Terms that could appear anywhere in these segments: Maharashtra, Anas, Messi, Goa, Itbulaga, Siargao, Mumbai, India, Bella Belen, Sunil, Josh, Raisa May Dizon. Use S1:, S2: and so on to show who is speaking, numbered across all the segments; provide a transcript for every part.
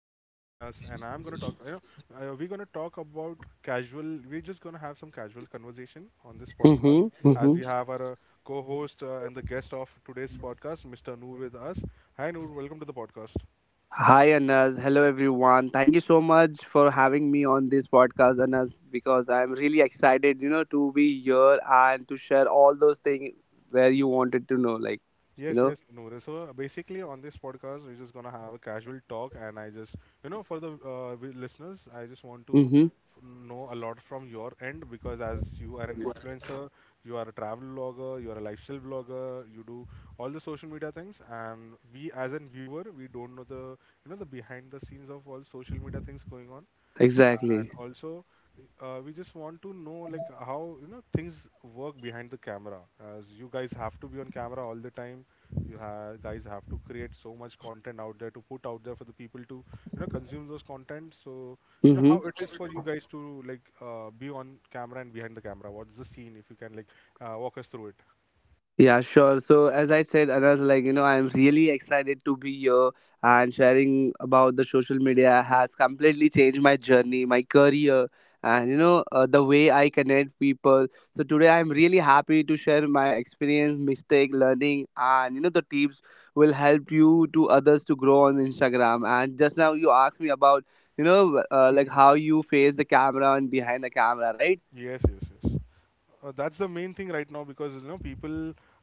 S1: I'm your host Anas, and I'm going to talk, we're going to talk about casual, we're just going to have some casual conversation on this podcast
S2: Mm-hmm,
S1: as
S2: mm-hmm.
S1: we have our co-host and the guest of today's podcast, Mr. Noor with us. Hi Noor, welcome to the podcast.
S2: Hi, Anas. Hello, everyone. Thank you so much for having me on this podcast, Anas, because I'm really excited, you know, to be here and to share all those things where you wanted to know, like, you
S1: Yes,
S2: know.
S1: yes, Noor. So basically, on this podcast, we're just gonna have a casual talk, and I just, for the listeners, I just want to
S2: Mm-hmm.
S1: know a lot from your end because as you are an influencer, you are a travel vlogger, you are a lifestyle vlogger, you do all the social media things, and we as a viewer, we don't know the, the behind the scenes of all social media things going on. And
S2: Exactly.
S1: also we just want to know like how things work behind the camera as you guys have to be on camera all the time, you guys have to create so much content out there to put out there for the people to consume those content. So how it is for you guys to, like, be on camera and behind the camera, what's the scene if you can, like, walk us through it.
S2: Yeah, sure. So as I said, Anas, like you know, I'm really excited to be here and sharing about the social media has completely changed my journey, my career, and you know the way I connect people. So today I'm really happy to share my experience, mistake, learning, and you know the tips will help you to others to grow on Instagram. And just now you asked me about you know like how you face the camera and behind the camera, right?
S1: Yes, yes, yes. That's the main thing right now because people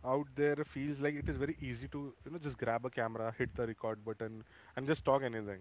S1: out there feels like it is very easy to just grab a camera, hit the record button, and just talk anything.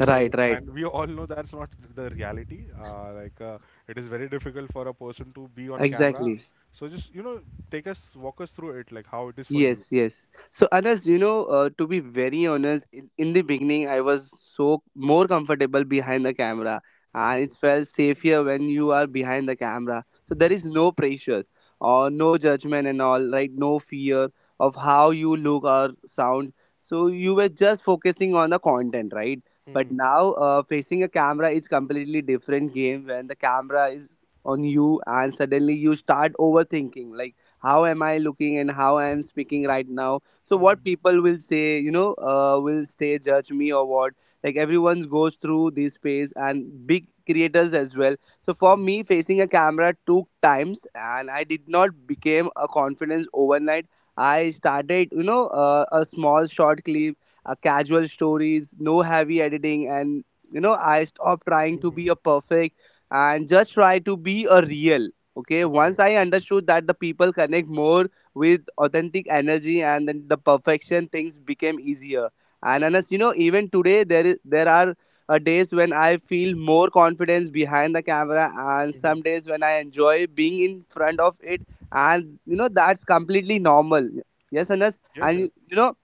S2: Right, right,
S1: and we all know that's not the reality, like, it is very difficult for a person to be on camera.
S2: exactly.
S1: So just take us walk us through it, like how it is for you.
S2: Yes, yes. So, Anas, you know, to be very honest, in the beginning, I was so more comfortable behind the camera, and
S1: Hmm.
S2: it felt safer when you are behind the camera. So
S1: Hmm.
S2: there is no pressure or no judgment and all, right? No fear of how you look or sound. So you were just focusing on the content, right? But
S1: Hmm.
S2: now, facing a camera is completely different game when the camera is on you, and suddenly you start overthinking, like how am I looking and how I am speaking right now. So what
S1: Hmm.
S2: people will say, you know, will stay judge me or what. Like everyone's goes through this phase and big creators as well. So for me facing a camera took times, and I did not became a confidence overnight. I started, you know, a small short clip, a casual stories, no heavy editing, and you know I stopped trying to
S1: Hmm.
S2: be a perfect and just try to be a real. Okay,
S1: Okay.
S2: once I understood that the people connect more with authentic energy and then the perfection, things became easier. And honest, you know, even today there are days when I feel more confidence behind the camera, and
S1: Hmm.
S2: some days when I enjoy being in front of it, and you know that's completely normal. Yes, Anas,
S1: Yes,
S2: and
S1: yes.
S2: you know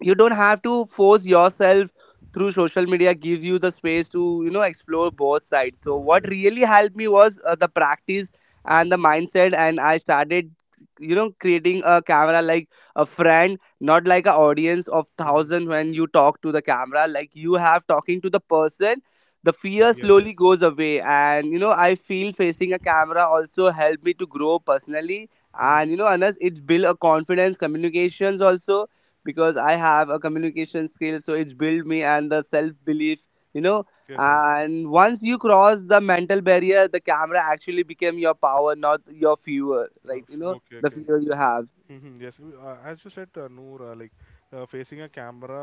S2: you don't have to force yourself through. Social media gives you the space to you know explore both sides. So
S1: Explore,
S2: what
S1: yes.
S2: really helped me was the practice
S1: Mhm,
S2: and the mindset, and I started, you know, creating a camera like a friend, not like an audience of
S1: mhm.
S2: thousand. When you talk to the camera like you have talking to the person, the fear
S1: Yes, yes.
S2: slowly goes away, and you know I feel facing a camera also helped me to grow personally.
S1: Mhm.
S2: And you know, Anas, it's build a confidence communications also, because I have a communication skill, so it's built me and the self belief, you know.
S1: Yes, yes.
S2: And once you cross the mental barrier, the camera actually became your power, not your fear.
S1: No,
S2: Like you know,
S1: okay,
S2: the
S1: okay.
S2: fear you have.
S1: Mhm. Yes, as you said, Noor, like, facing a camera,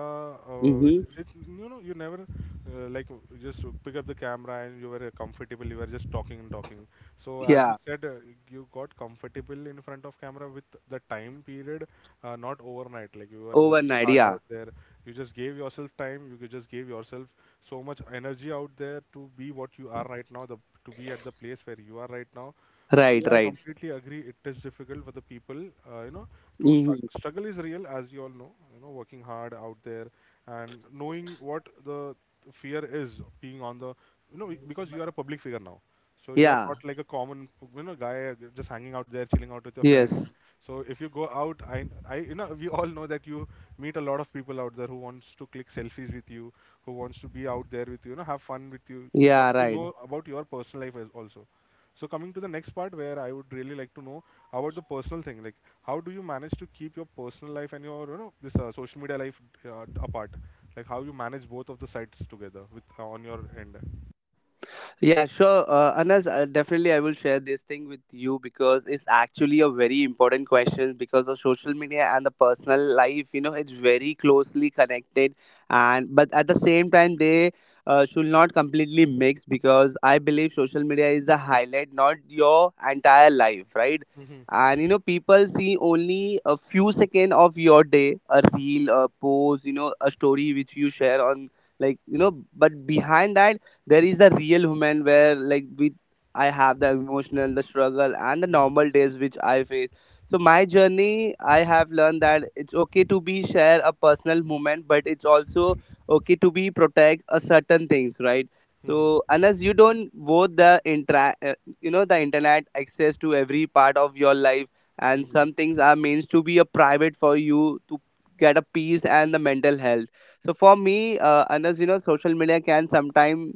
S1: with
S2: Mm-hmm.
S1: it, you never like, just pick up the camera, and you were comfortable. You were just talking and talking. So as you
S2: Yeah,
S1: said, you got comfortable in front of camera with the time period, not overnight. Like, you were working
S2: overnight.
S1: hard
S2: Yeah,
S1: out there. You just gave yourself time. You just gave yourself so much energy out there to be what you are right now. The To be at the place where you are right now. So
S2: right,
S1: yeah, I
S2: right.
S1: completely agree. It is difficult for the people, you know, to
S2: Mm-hmm.
S1: struggle is real, as you all know. You know, working hard out there and knowing what the fear is being on the, because you are a public figure now, so you are
S2: Yeah.
S1: not like a common, guy just hanging out there, chilling out with your friends.
S2: Yes.
S1: So if you go out, we all know that you meet a lot of people out there who wants to click selfies with you, who wants to be out there with you, have fun with you, want
S2: Yeah,
S1: to
S2: right.
S1: know about your personal life as also. So coming to the next part where I would really like to know about the personal thing, like how do you manage to keep your personal life and your this social media life apart, like how you manage both of the sides together with on your end.
S2: Yeah, sure. Anas, definitely I will share this thing with you because it's actually a very important question because of social media and the personal life. You know, it's very closely connected, and but at the same time, they should not completely mix, because I believe social media is a highlight, not your entire life, right?
S1: Mm-hmm.
S2: And you know, people see only a few seconds of your day, a reel, a post, you know, a story which you share on, like you know, but behind that there is the real human where, like, with I have the emotional, the struggle, and the
S1: Mm-hmm.
S2: normal days which I face. So my journey, I have learned that it's okay to be share a personal moment, but it's also okay to be protect a certain things, right? So
S1: Mm-hmm.
S2: unless you don't vote the intra you know the internet access to every part of your life, and some things are means to be a private for you to get a peace and the mental health. So for me, unless you know social media can sometime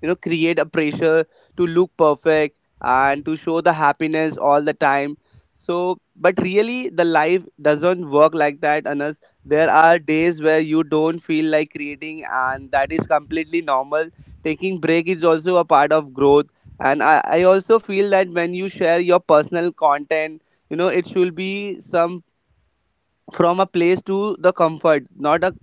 S2: you know create a pressure to look perfect and
S1: Mm-hmm.
S2: to show the happiness all the time. So but really the life doesn't work like that. Unless there
S1: Mm-hmm.
S2: are days where you don't feel like creating, and that is completely normal. Taking break is also a part of growth. And I also feel that when you share your personal content, you know it should be some, from a place to the comfort, not a,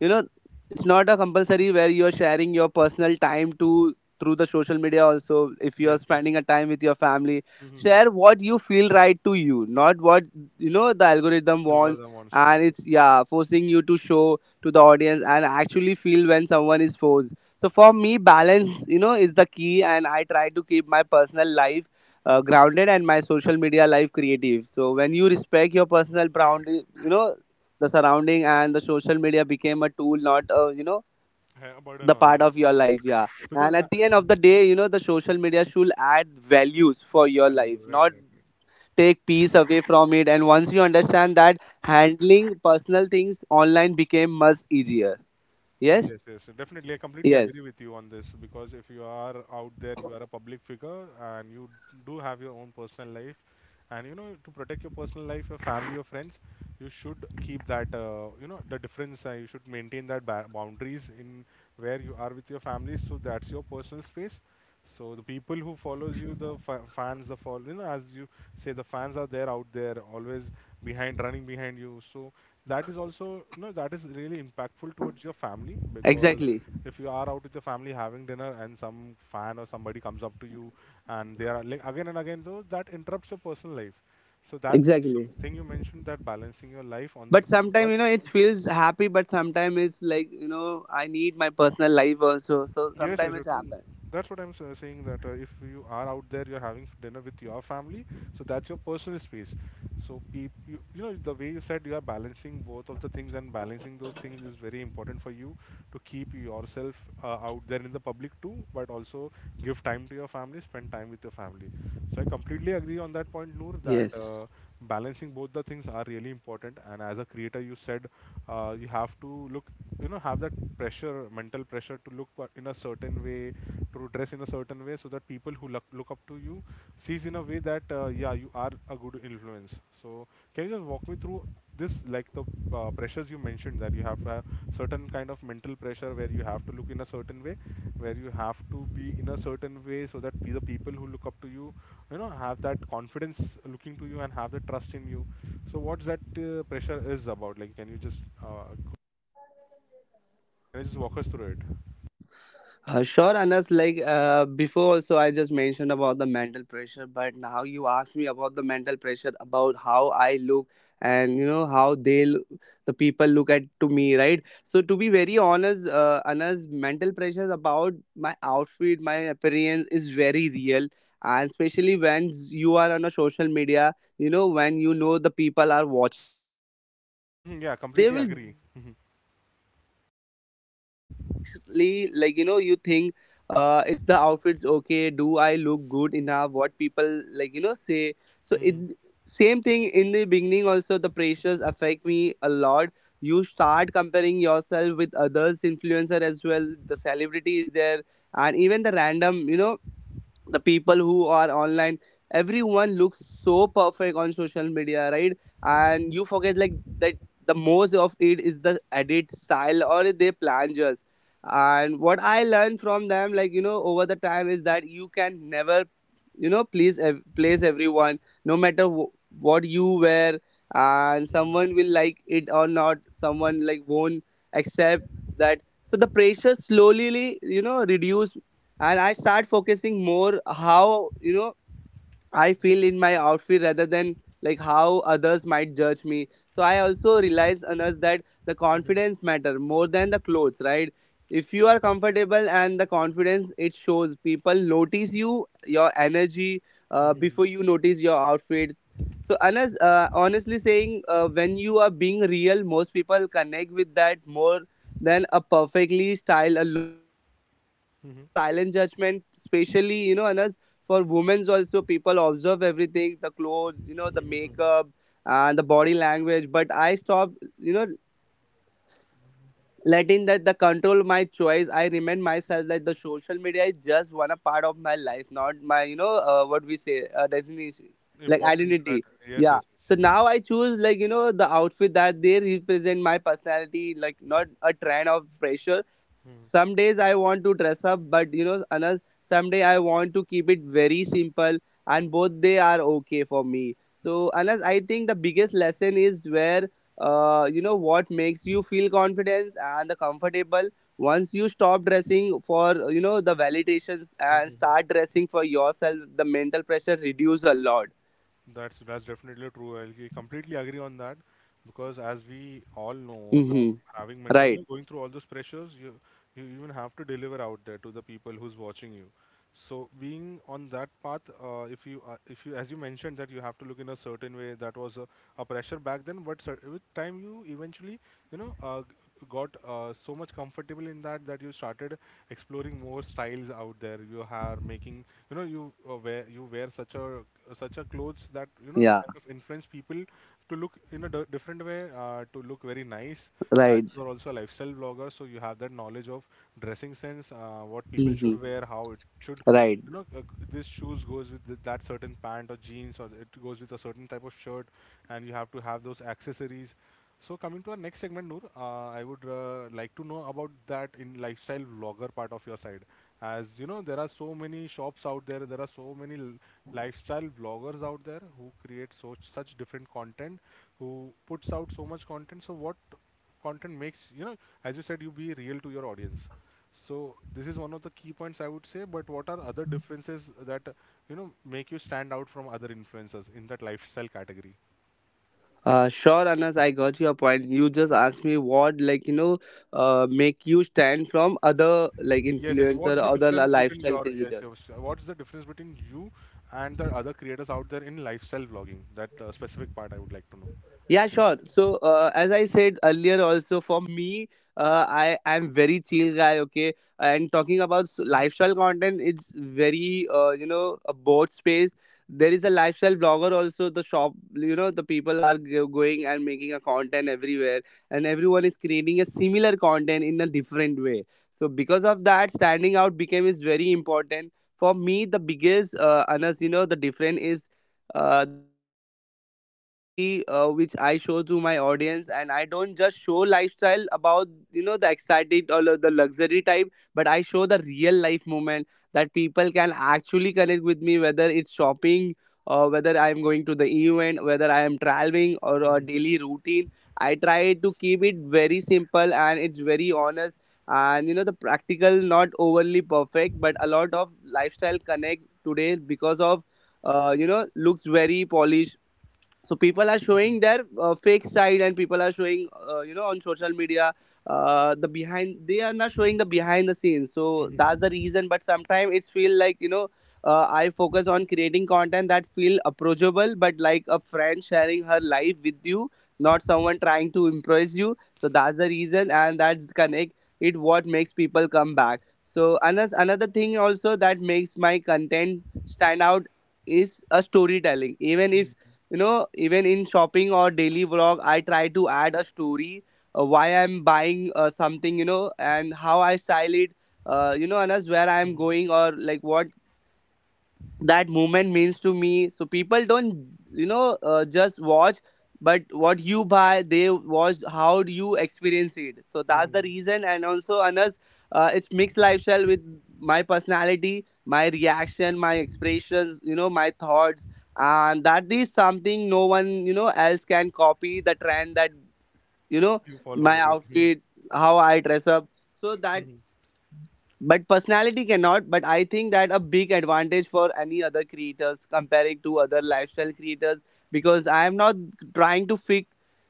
S2: you know, it's not a compulsory where you're sharing your personal time to, through the social media. Also if you're
S1: Yes, yes.
S2: spending a time with your family,
S1: Mm-hmm.
S2: share what you feel right to you, not what, you know, the algorithm wants.
S1: Algorithm wants to
S2: And
S1: put
S2: it's, yeah, forcing you to show to the audience and actually feel when someone is forced. So for me balance, you know, is the key, and I try to keep my personal life grounded and my social media life creative. So when you respect your personal boundary, you know, the surrounding and the social media became a tool, not you know,
S1: a burden
S2: the
S1: on
S2: part
S1: you
S2: of your life. Yeah,
S1: because
S2: and
S1: I
S2: at the end of the day, you know, the social media should add values for your life,
S1: value, right,
S2: not
S1: right, right.
S2: take peace away from it. And once you understand that, handling personal things online became much easier. Yes,
S1: Yes, yes, definitely. I completely
S2: yes,
S1: agree with you on this because if you are out there, you are a public figure and you do have your own personal life. And you know, to protect your personal life, your family, your friends, you should keep that, the difference. You should maintain that boundaries in where you are with your family. So that's your personal space. So the people who follows you, the fans, the follow, as you say, the fans are there out there, always behind, running behind you. So that is also, that is really impactful towards your family because
S2: exactly,
S1: if you are out with your family having dinner and some fan or somebody comes up to you and they are like again and again, though that interrupts your personal life. So that
S2: exactly.
S1: the thing you mentioned, that balancing your life on the
S2: But
S1: both
S2: sometimes you know it
S1: path.
S2: feels happy, but sometimes it's like, you know, I need my personal life also, so
S1: Yes, yes,
S2: sometimes it's
S1: true.
S2: happen.
S1: That's what I'm saying that if you are out there, you're having dinner with your family, so that's your personal space. So, peop you, the way you said you are balancing both of the things and balancing those things is very important for you to keep yourself out there in the public too, but also give time to your family, spend time with your family. So, I completely agree on that point, Noor, that
S2: Yes.
S1: balancing both the things are really important, and as a creator you said you have to look, have that pressure, mental pressure to look in a certain way, to dress in a certain way so that people who look up to you sees in a way that yeah, you are a good influence. So can you just walk me through this, like the pressures you mentioned, that you have a certain kind of mental pressure where you have to look in a certain way, where you have to be in a certain way so that the people who look up to you you know have that confidence looking to you and have the trust in you. So what's that pressure is about, like can you just walk us through it.
S2: Sure, Anas. Like before, also I just mentioned about the mental pressure, but now you ask me about the mental pressure about how I look and you know how they, the people look at to me, right? So to be very honest, Anas, mental pressure about my outfit, my appearance is very real, and especially when you are on a social media, you know when you know the people are watching you. Yes, Anas.
S1: Mhm, yeah,
S2: So they
S1: completely
S2: will
S1: agree.
S2: definitely
S1: Mhm,
S2: judge you, right, or commenting you automatically, like you know you think it's the outfits, okay, do I look good enough, what people like you know say. So it,
S1: mhm,
S2: same thing in the beginning also the pressures affect me a lot. You start comparing yourself with others influencer as well, the celebrity is there, and even the random, you know, the people who are online, everyone looks so perfect on social media, right?
S1: mhm,
S2: And you forget like that the most of it is the edit style or they plangers. And what I learned from them, like you know, over the time, is that you can never, you know, please everyone, no matter what you wear, and
S1: mhm,
S2: someone will like it or not, someone like won't accept that. So the pressure slowly you know reduced, and I start focusing more how you know I feel in my outfit rather than like how others might judge me. So I also realized, on us that the
S1: mhm,
S2: confidence matter more than the clothes, right? If you are comfortable and the confidence it shows, people notice you, your energy,
S1: mhm,
S2: before you notice your outfits. So Anas, honestly saying, when you are being real, most people connect with that more than a perfectly styled a look. So there is also a lot
S1: mhm,
S2: of silent judgment, especially, you know, Anas, for women's also people observe everything, the clothes, you know, the
S1: mhm, mhm.
S2: makeup and the body language. But I stop, you know, letting that the control my choice. I remind myself that the social media is just one a part of my life, not my, you know, what we say, destination, like
S1: Important that
S2: identity.
S1: yes,
S2: Yeah,
S1: yes,
S2: so
S1: yes.
S2: now I choose, like you know, the outfit that they represent my personality, like not a trend of pressure.
S1: Mhm.
S2: Some days I want to dress up, but you know another someday I want to keep it very simple, and both they are okay for me. So unless I think the biggest lesson is where you know what makes you feel confidence and the comfortable. Once you stop dressing for, you know, the validations, and start dressing for yourself, the mental pressure reduces a lot.
S1: That's definitely true. I completely agree on that because, as we all know, the
S2: Mm-hmm.
S1: having mental
S2: Right.
S1: like, going through all those pressures, you even have to deliver out there to the people who's watching you. So being on that path, if you as you mentioned that you have to look in a certain way, that was a pressure back then. But with time, you eventually you know uh, g- got so much comfortable in that that you started exploring more styles out there. You are making, you wear such a clothes that
S2: Yeah,
S1: kind of influence people to look in a different way, to look very nice. As
S2: right.
S1: you are also a lifestyle blogger, so you have that knowledge of dressing sense, what people
S2: Mm-hmm.
S1: should wear, how it should
S2: Right.
S1: you know uh, this shoes goes with that certain pant or jeans or it goes with a certain type of shirt, and you have to have those accessories. So coming to our next segment, Noor, I would like to know about that in lifestyle vlogger part of your side as you know there are so many shops out there, there are so many lifestyle vloggers out there who create such different content, who puts out so much content. So what content makes, as you said, you be real to your audience, so this is one of the key points I would say. But what are other differences that make you stand out from other influencers in that lifestyle category?
S2: Uh, sure, Anas, I got your point. You just asked me what, like you know, make you stand from other like
S1: Yes, yes.
S2: influencer,
S1: What's the
S2: other
S1: difference between
S2: lifestyle
S1: your Yes,
S2: creators.
S1: yes. What's the difference between you and the other creators out there in lifestyle vlogging? That specific part I would like to know.
S2: Yeah, sure. So, as I said earlier, also for me, I am very chill guy. Okay, and talking about lifestyle content, it's very you know a board space. There is a lifestyle blogger also. The shop, you know, the people are going and making a content everywhere, and everyone is creating a similar content in a different way. So, because of that, standing out became is very important for me. The biggest, Anas, you know, the difference is the intention and the reality which I show to my audience, and I don't just show lifestyle about you know the excited or the luxury type, but I show the real life moment that people can actually connect with me, whether it's shopping or whether I'm going to the event, whether I am traveling or a daily routine. I try to keep it very simple and it's very honest and you know the practical, not overly perfect, but a lot of lifestyle connect today because of you know looks very polished. So people are showing their fake side and people are showing you know on social media the behind, they are not showing the behind the scenes, so that's the reason. But sometimes it's feel like you know I focus on creating content that feel approachable but like a friend sharing her life with you, not someone trying to impress you, so that's the reason and that's connect it what makes people come back. So another thing also that makes my content stand out is a storytelling. Even if you know, even in shopping or daily vlog, I try to add a story, why I'm buying something you know and how I style it, you know and as where I'm going or like what that movement means to me. So people don't you know just watch but what you buy, they watch how do you experience it, so that's the reason. And also, Anas, it's mixed lifestyle with my personality, my reaction, my expressions, you know, my thoughts, and that is something no one you know else can copy the trend that you know
S1: You
S2: my
S1: follow, right?
S2: outfit, how I dress up, so that. But personality cannot, but I think that a big advantage for any other creators comparing to other lifestyle creators, because I am not trying to fit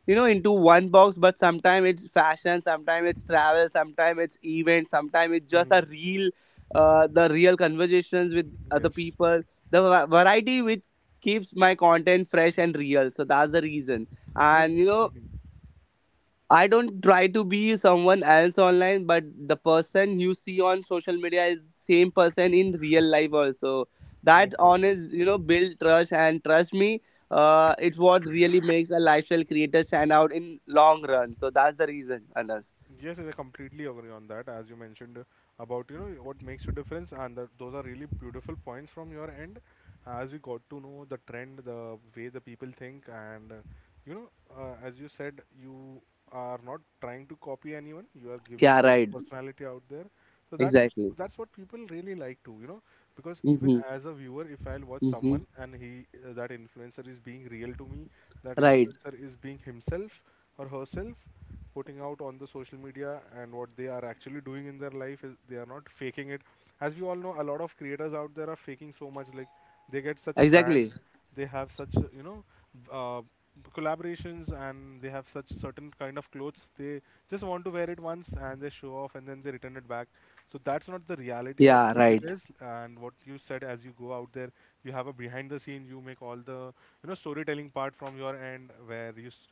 S2: you know into one box, but sometimes it's fashion, sometimes it's travel, sometimes it's event, sometimes it's just
S1: Mhm.
S2: a real the real conversations with
S1: Mhm.
S2: other
S1: Yes.
S2: people, the variety which keeps my content fresh and real, so that's the reason.
S1: Yes.
S2: And you know,
S1: Mhm.
S2: I don't try to be someone else online, but the person you see on social media is same person in real life also. That
S1: Yes. Yes.
S2: honest, you
S1: Yes.
S2: know, build trust and trust me. It's what really makes a lifestyle creator stand out in long run. So that's the reason, Anas.
S1: Yes, I completely agree on that. As you mentioned about what makes a difference, and that those are really beautiful points from your end. As we got to know the trend, the way the people think, and you know, as you said, you are not trying to copy anyone. You are giving
S2: Yeah,
S1: your own
S2: right.
S1: personality out there.
S2: Exactly.
S1: That's what people really like to. Because even
S2: Mm-hmm.
S1: as a viewer, if I'll watch
S2: Mm-hmm.
S1: someone and he, that influencer is being real to me, that
S2: Right.
S1: influencer is being himself or herself, putting out on the social media, and what they are actually doing in their life is they are not faking it. As we all know, a lot of creators out there are faking so much. Like they get such a
S2: Exactly.
S1: brands, they have such uh, collaborations, and they have such certain kind of clothes they just want to wear it once and they show off and then they return it back. So that's not the reality of
S2: Yeah,
S1: what it
S2: right.
S1: is. And what you said, as you go out there, you have a behind the scene, you make all the storytelling part from your end, where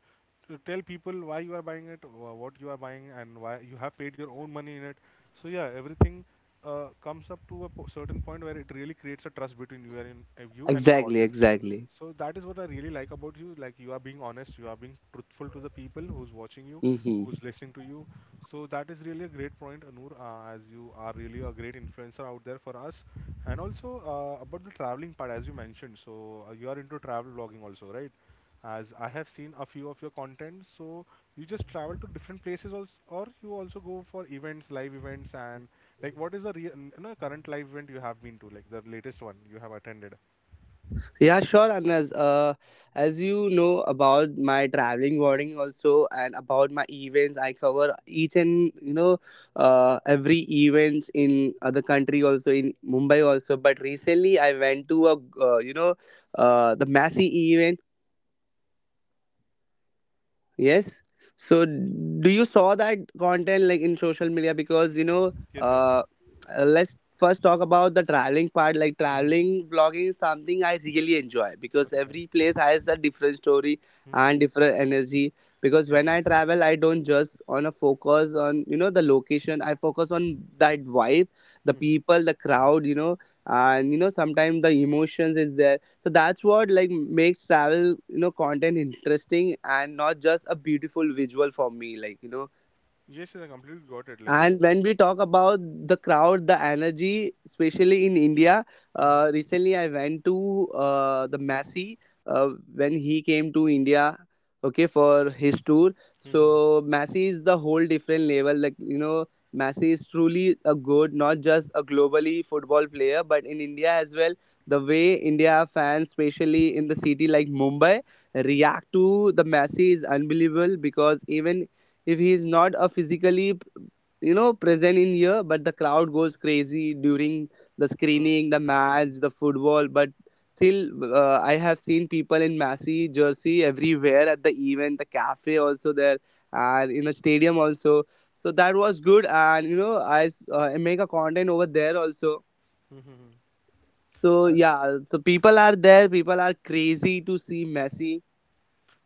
S1: to tell people why you are buying it, what you are buying, and why you have paid your own money in it. So yeah, everything comes up to certain point where it really creates a trust between you and you and your
S2: Exactly.
S1: audience.
S2: Exactly.
S1: So that is what I really like about you. Like you are being honest, you are being truthful to the people who's watching you,
S2: Mm-hmm.
S1: who's listening to you. So that is really a great point, Anur, as you are really a great influencer out there for us. And also about the traveling part, as you mentioned. So you are into travel vlogging also, right? As I have seen a few of your content. So you just travel to different places, also, or you also go for events, live events, and like what is the real, you know, current live event you have been to, like the latest one you have attended?
S2: Yeah, sure, Anas. As you know about my traveling warning also and about my events, I cover each and you know every events in other country also, in Mumbai also. But recently I went to a you know the Massey event. Yes. So do you saw that content like in social media? Because you know,
S1: Yes, yes.
S2: uh, let's first talk about the traveling part. Like
S1: Mhm.
S2: traveling vlogging is something I really enjoy because
S1: Okay.
S2: every place has a different story
S1: Mhm.
S2: and different energy. Because when
S1: Yes,
S2: I
S1: yes.
S2: travel, I don't just on a focus on you know the location. I focus on that vibe, the
S1: Mhm.
S2: people, the crowd. You know, and you know sometimes the emotions is there, so that's what like makes travel you know content interesting and not just a beautiful visual for me like you know.
S1: Yes, yes, I completely got it. Like
S2: And
S1: the.
S2: when we talk about the crowd, the energy, especially in India,
S1: Mhm.
S2: recently I went to the Messi uh, when he came to India, okay, for his tour.
S1: Mhm.
S2: So Messi is the whole different level. Like you know, Messi is truly a good, not just a globally football player, but in India as well. The way India fans, especially in the city like Mumbai,
S1: Mhm.
S2: react to the Messi is unbelievable because even if he is not a physically you know present in here, but the crowd goes crazy during the
S1: Uh,
S2: screening, the match, the football, but still I have seen people in Massy jersey everywhere at the event, the cafe also there and in the stadium also. So that was good and you know I make a content over there also.
S1: mhm.
S2: So
S1: I,
S2: yeah, so people are there, people are crazy to see Messi.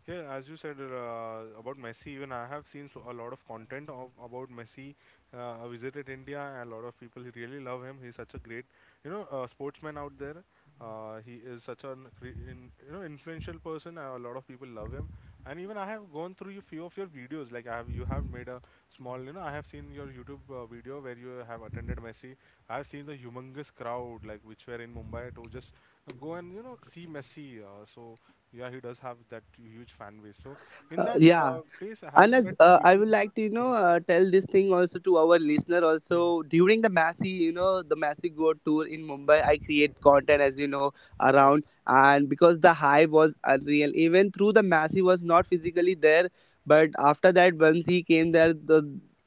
S1: Yeah, as you said about Messi, even I have seen so, a lot of content of about Messi. I visited India, and a lot of people really love him. He's such a great, you know, sportsman out there. He is such an you know, influential person. And a lot of people love him, and even I have gone through a few of your videos. Like I have you have made a small, you know, I have seen your YouTube video where you have attended Messi. I have seen the humongous crowd like which were in Mumbai to just go and you know see Messi, so yeah, he does have that huge fan base. So in that
S2: Yeah,
S1: place have you
S2: Anas,
S1: met the
S2: I
S1: people
S2: would
S1: who are
S2: like to, you
S1: Mhm,
S2: know, tell this thing also to our listener.
S1: mhm.
S2: Also, during the Massey, you know, the Massey Go tour in Mumbai, I create content, as you know,
S1: Yes,
S2: around. And because the high was unreal, even through the Massey was not physically there. But after that, once he came there, the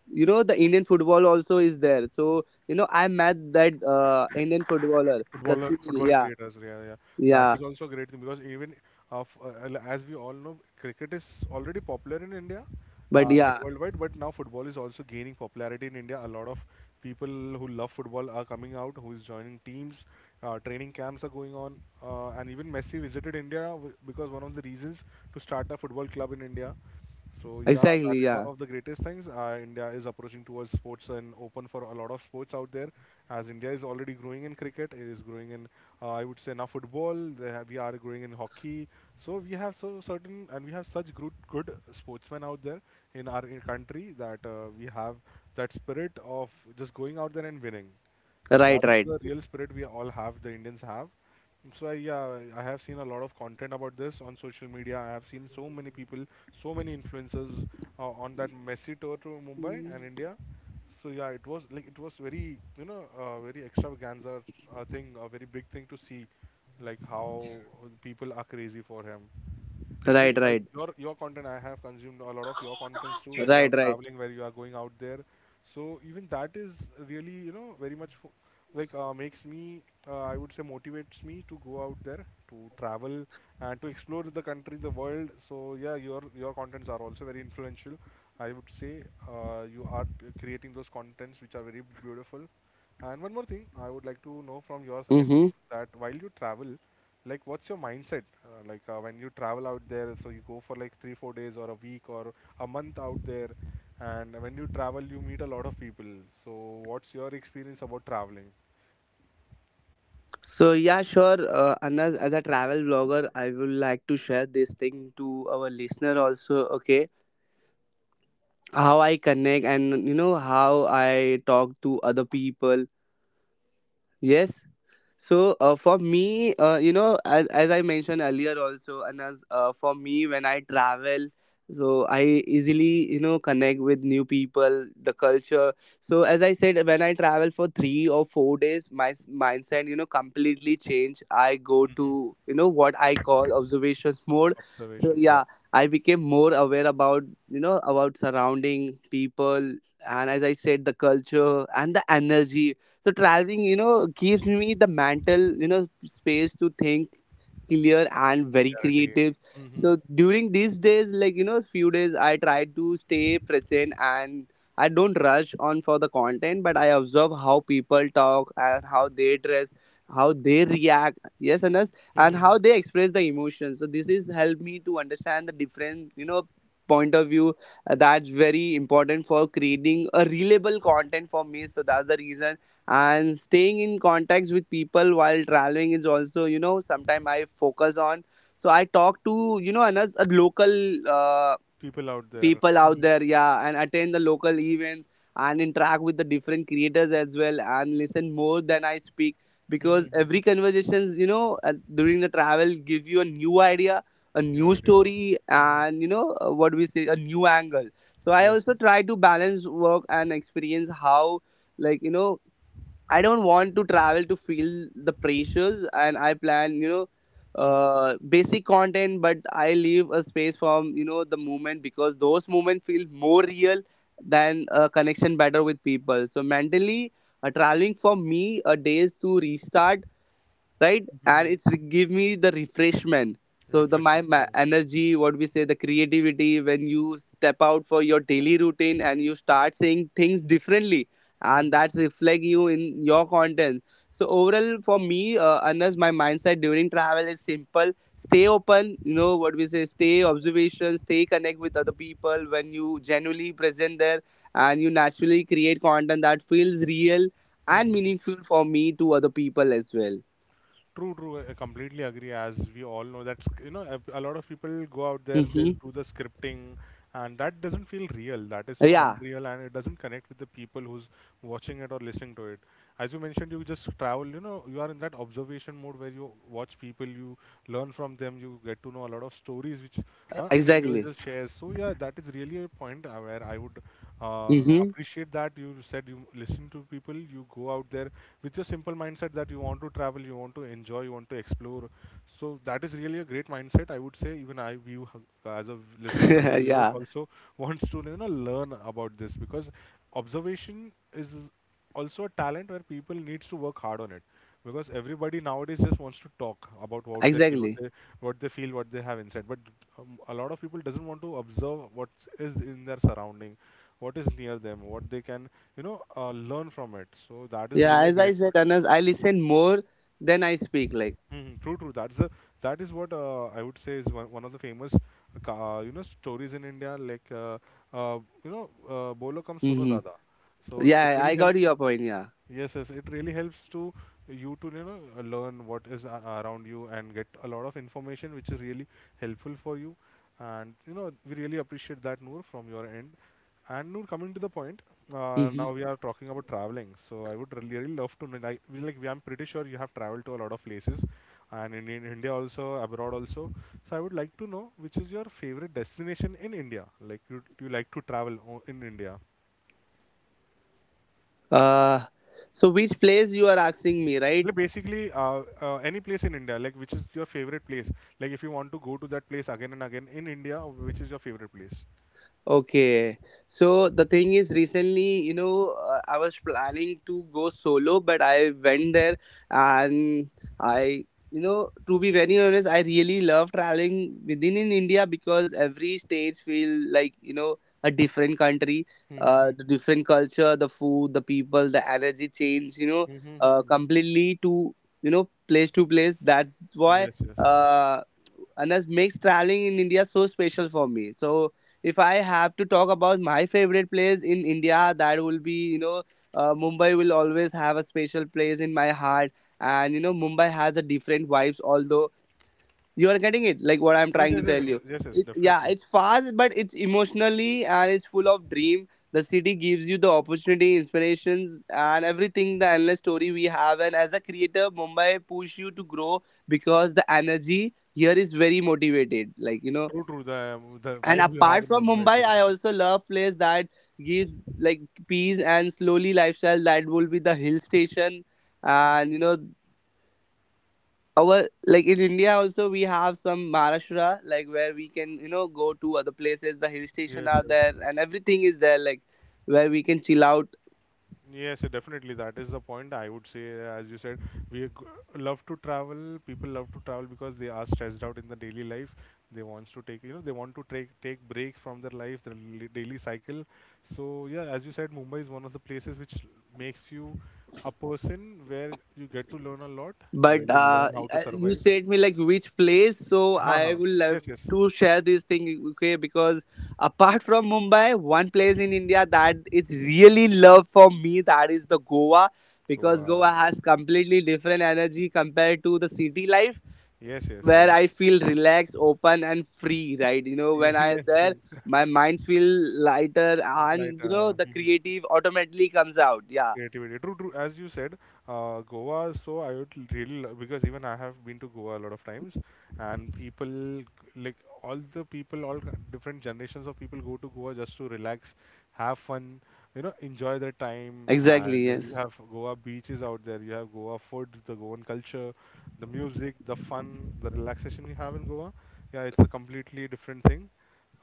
S2: you know the Indian football also is there. So you know, I met that Indian footballer, the
S1: footballer,
S2: Sunil.
S1: football
S2: Yeah,
S1: creators, yeah, yeah. That
S2: yeah.
S1: is also a great thing, because even of as we all know, cricket is already popular in India,
S2: But
S1: and
S2: yeah,
S1: worldwide, but now football is also gaining popularity in India. A lot of people who love football are coming out, who is joining teams, training camps are going on, and even Messi visited India because one of the reasons to start a football club in India. So yeah,
S2: exactly.
S1: that is one
S2: Yeah,
S1: of the greatest things. India is approaching towards sports and open for a lot of sports out there. As India is already growing in cricket, it is growing in I would say now football. They have, we are growing in hockey. So we have so certain, and we have such good sportsmen out there in our in country that we have that spirit of just going out there and winning. And
S2: right,
S1: that's
S2: right,
S1: the real spirit we all have, the Indians have. So yeah, I have seen a lot of content about this on social media. I have seen so many people, so many influencers on that Messy tour to Mumbai and
S2: Mm.
S1: India. So yeah, it was like it was very, you know, very extravaganza thing, a very big thing to see, like how people are crazy for him. And even
S2: Right,
S1: uh,
S2: right,
S1: your your content, I have consumed a lot of your contents too, where you are
S2: right, right.
S1: traveling, where you are going out there. So even that is really, you know, very like makes me, I would say, motivates me to go out there to travel and to explore the country, the world. So yeah, your contents are also very influential. I would say you are t- creating those contents which are very beautiful. And one more thing, I would like to know from your end
S2: Mm-hmm.
S1: more, that while you travel, like, what's your mindset? Like, when you travel out there, so you go for like three, 4 days or a week or a month out there, and when you travel, you meet a lot of people. So, what's your experience about traveling?
S2: So yeah, sure. Anas, as a travel vlogger, I would like to share this thing to our listener also. Okay, how I connect and you know how I talk to other people. Yes. So for me, you know, as I mentioned earlier also, and as for me when I travel, so I easily you know connect with new people, the culture. So as I said, when I travel for 3 or 4 days, my mindset you know completely change. I go to you know what I call observations mode. So
S1: Observation,
S2: yeah,
S1: yeah,
S2: I became more aware about you know about surrounding people, and as I said, the culture and the energy. So traveling you know gives me the mental you know space to think clear and very
S1: reality,
S2: creative.
S1: Mhm.
S2: So during these days like you know few days I try to stay present and I don't rush on for the content, but I observe how people talk and how they dress, how they react. Yes and us. And how
S1: Mhm.
S2: they express the emotions, so this is helped me to understand the different you know point of view. That's very important for creating a reliable content for me, so that's the reason. And staying in contacts with people while traveling is also you know sometimes I focus on. So I talk to you know another local uh,
S1: People out there,
S2: people out
S1: Mhm.
S2: there, yeah, and attend the local events and interact with the different creators as well, and listen more than I speak,
S1: Mhm.
S2: because
S1: Mhm.
S2: every conversations you know during the travel give you a new idea, a new
S1: Your idea.
S2: story,
S1: Mhm.
S2: and you know what we say, a new angle. So I
S1: Yes,
S2: also
S1: yes.
S2: try to balance work and experience how, like you know, I don't want to travel to feel the pressures, and I plan, you know, basic content, but I leave a space from you know the movement because those movement feel more real than a connection better with people. So mentally, traveling for me a days to restart, right, and
S1: Mhm.
S2: it's give me the refreshment. So the my,
S1: Refreshment
S2: my
S1: room.
S2: energy, what we say, the creativity when you step out for your daily routine and you start seeing things differently, and that reflect you in your content. So overall for me, Anas, my mindset during travel is simple: stay open, you know what we say, stay observation, stay connect with other people. When you genuinely present there, and you naturally create content that feels real and meaningful for me to other people as well.
S1: True, true, I completely agree. As we all know, that's you know a lot of people go out there, they
S2: Mm-hmm.
S1: do the scripting, and that doesn't feel real. That is so
S2: Yeah,
S1: unreal, and it doesn't connect with the people who's watching it or listening to it. As you mentioned, you just travel. You know, you are in that observation mode where you watch people, you learn from them, you get to know a lot of stories which an
S2: exactly.
S1: individual shares. So yeah, that is really a point where I would uh,
S2: Mm-hmm.
S1: appreciate that you said you listen to people, you go out there with your simple mindset that you want to travel, you want to enjoy, you want to explore. So that is really a great mindset, I would say. Even I view as a listeners, as a viewers
S2: Yeah,
S1: also wants to you know learn about this, because observation is also a talent where people needs to work hard on it, because everybody nowadays just wants to talk about what they feel,
S2: exactly.
S1: what they feel, what they have inside, but a lot of people doesn't want to observe what is in their surrounding, what is near them, what they can, you know, learn from it. So that is
S2: Yeah,
S1: really a
S2: as I
S1: great point.
S2: said, Anas, I listen more than I speak. Like,
S1: Mm-hmm. True, true. That's a, that is what I would say is one, one of the famous you know, stories in India. Like uh, you know, bolo kam suno
S2: mm-hmm.
S1: zada. So it
S2: Yeah,
S1: really
S2: I got
S1: helps.
S2: your point. Yeah.
S1: Yes, yes, it really helps to you know learn what is around you, and get a lot of information, which is really helpful for you. And you know, we really appreciate that, Noor, from your end. And Noor, coming to the point, now
S2: Mm-hmm.
S1: we are talking about traveling. So I would really, really love to know. Like, I'm pretty sure you have traveled to a lot of places and in India also, abroad also. So I would like to know which is your favorite destination in India. Like you like to travel in India.
S2: Uh, so which place you are asking me, right?
S1: Like basically, uh, any place in India. Like which is your favorite place? Like if you want to go to that place again and again in India, which is your favorite place?
S2: Okay. So the thing is, recently, you know, I was planning to go solo, but I went there and I, you know, to be very honest, I really love traveling within in India because every stage feel like, you know, a different country, the different culture, the food, the people, the energy change, you know, completely to, you know, place to place. That's why,
S1: Yes, yes,
S2: uh, Anas, makes traveling in India so special for me. So, if I have to talk about my favorite place in India, that will be, you know, Mumbai will always have a special place in my heart. And, you know, Mumbai has a different vibes, although you are getting it, like what I'm
S1: yes,
S2: trying
S1: yes,
S2: to
S1: yes,
S2: tell you.
S1: yes, yes.
S2: It, yeah,
S1: Definitely.
S2: it's fast, but it's emotionally and it's full of dream. The city gives you the opportunity, inspirations, and everything the endless story we have. And as a creator, Mumbai push you to grow because the energy here is very motivated. Like, you know,
S1: True, true. The
S2: and
S1: vibe you have
S2: apart
S1: in
S2: from
S1: Mumbai is
S2: Mumbai,
S1: very
S2: I
S1: different.
S2: also love place that gives like peace and slowly lifestyle. That will be the hill station, and you know our like in India also we have some Maharashtra like where we can you know go to other places. The hill station
S1: Yes,
S2: are there
S1: yes.
S2: and everything is there like where we can chill out.
S1: Yes, yeah, definitely. That is the point. I would say, as you said, we g- love to travel. People love to travel because they are stressed out in the daily life. They wants to take, you know, they want to take break from their life, their daily cycle. So yeah, as you said, Mumbai is one of the places which makes you a person where you get to learn a lot, where
S2: But
S1: you learn how to
S2: you
S1: survive.
S2: said me like which place, so
S1: Ha
S2: I
S1: ha.
S2: will love
S1: Yes, yes.
S2: to share this thing. Okay, because apart from Mumbai, one place in India that is really love for me, that is the Goa. Because Goa
S1: Goa.
S2: has completely different energy compared to the city life,
S1: Yes, yes,
S2: where
S1: yes.
S2: I feel relaxed, open and free, right, you know when I
S1: Yes,
S2: there,
S1: yes.
S2: my mind feel lighter,
S1: Like,
S2: and you know the creative automatically comes out. Yeah,
S1: Creativity. True, true. As you said, Goa. So I would really because even I have been to Goa a lot of times, and like all the people, all different generations of people go to Goa just to relax, have fun, you know, enjoy their time.
S2: exactly,
S1: And you
S2: yes.
S1: have Goa beaches out there. You have Goa food, the Goan culture, the music, the fun, the relaxation you have in Goa. Yeah, it's a completely different thing.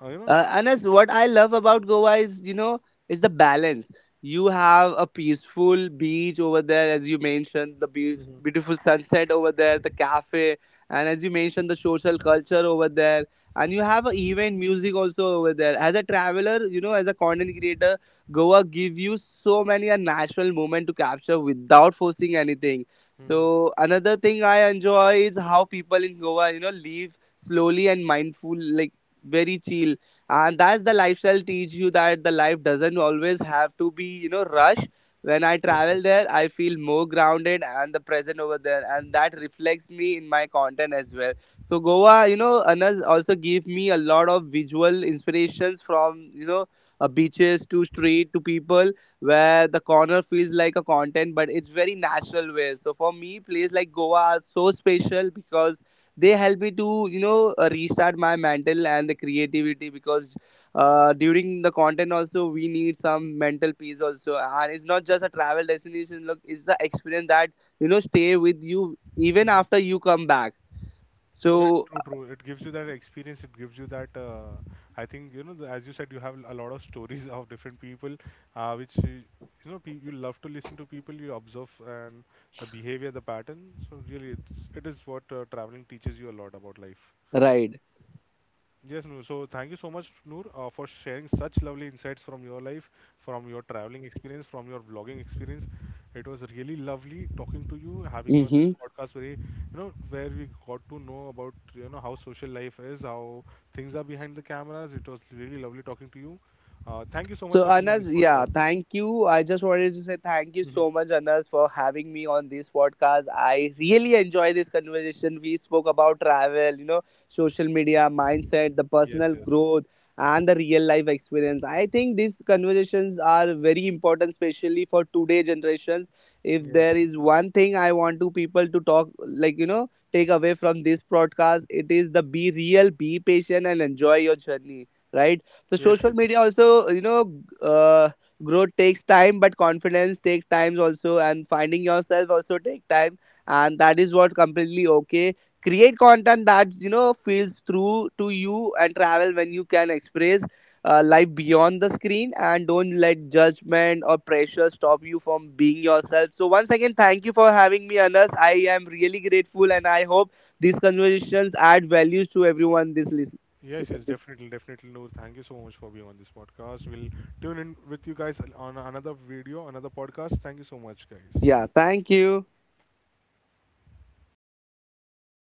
S1: You know.
S2: Uh, Anas, what I love about Goa is, you know, is the balance. You have a peaceful beach over there, as you mentioned, the
S1: Hmm.
S2: beautiful sunset over there, the cafe, and as you mentioned, the social culture over there. And you have a event music also over there. As a traveler, you know, as a content creator, Goa give you so many a natural moment to capture without forcing anything.
S1: Hmm.
S2: So another thing I enjoy is how people in Goa, you know, live slowly and mindful, like very chill, and that's the lifestyle teach you that the life doesn't always have to be you know rush. When I
S1: Yes.
S2: travel there, I feel more grounded and the present over there, and that reflects me in my content as well. So Goa, you know, Anas, also gave me a lot of visual inspirations from you know beaches to street to people, where the corner feels like a content but it's very natural way. So for me place like Goa are so special because they help me to you know restart my mental and the creativity, because during the content also we need some mental peace also, and it's not just a travel destination, look, it's the experience that you know stay with you even after you come back.
S1: Yeah,
S2: So
S1: true, true. It gives you that experience. It gives you that. I think you know, the, as you said, you have a lot of stories of different people, which you you love to listen to people. You observe and the behavior, the pattern. So really, it's, it is what traveling teaches you a lot about life.
S2: right.
S1: Yes, Noor. So thank you so much, Noor, for sharing such lovely insights from your life, from your traveling experience, from your vlogging experience. It was really lovely talking to you, having you on this
S2: Mm-hmm.
S1: podcast, where you know, where we got to know about you know how social life is, how things are behind the cameras. It was really lovely talking to you. Thank you so much
S2: So
S1: for being on this
S2: Anas, yeah,
S1: podcast.
S2: thank you. I just wanted to say thank you
S1: Mhm.
S2: so much, Anas, for having me on this podcast. I really enjoy this conversation. We spoke about travel, you know, social media, mindset, the
S1: Yes,
S2: personal
S1: yes,
S2: growth, and the real life experience. I think these conversations are very important, especially for today generations. If
S1: yes,
S2: there
S1: yes,
S2: is one thing I want to people to talk, like you know, take away from this broadcast, it is the be real, be patient, and enjoy your journey. Right, so
S1: yes.
S2: social
S1: Yes.
S2: media also, you know, growth takes time, but confidence takes time also, and finding yourself also take time, and that is what completely okay. Create content that you know feels true to you, and travel when you can express life beyond the screen, and don't let judgment or pressure stop you from being yourself. So once again, thank you for having me, Anas. I am really grateful, and I hope these conversations add values to everyone. This listen,
S1: Yes,
S2: listen,
S1: yes,
S2: this.
S1: definitely, definitely, Noor. Thank you so much for being on this podcast. We'll tune in with you guys on another video, another podcast. Thank you so much,
S2: Yeah,
S1: guys.
S2: thank you.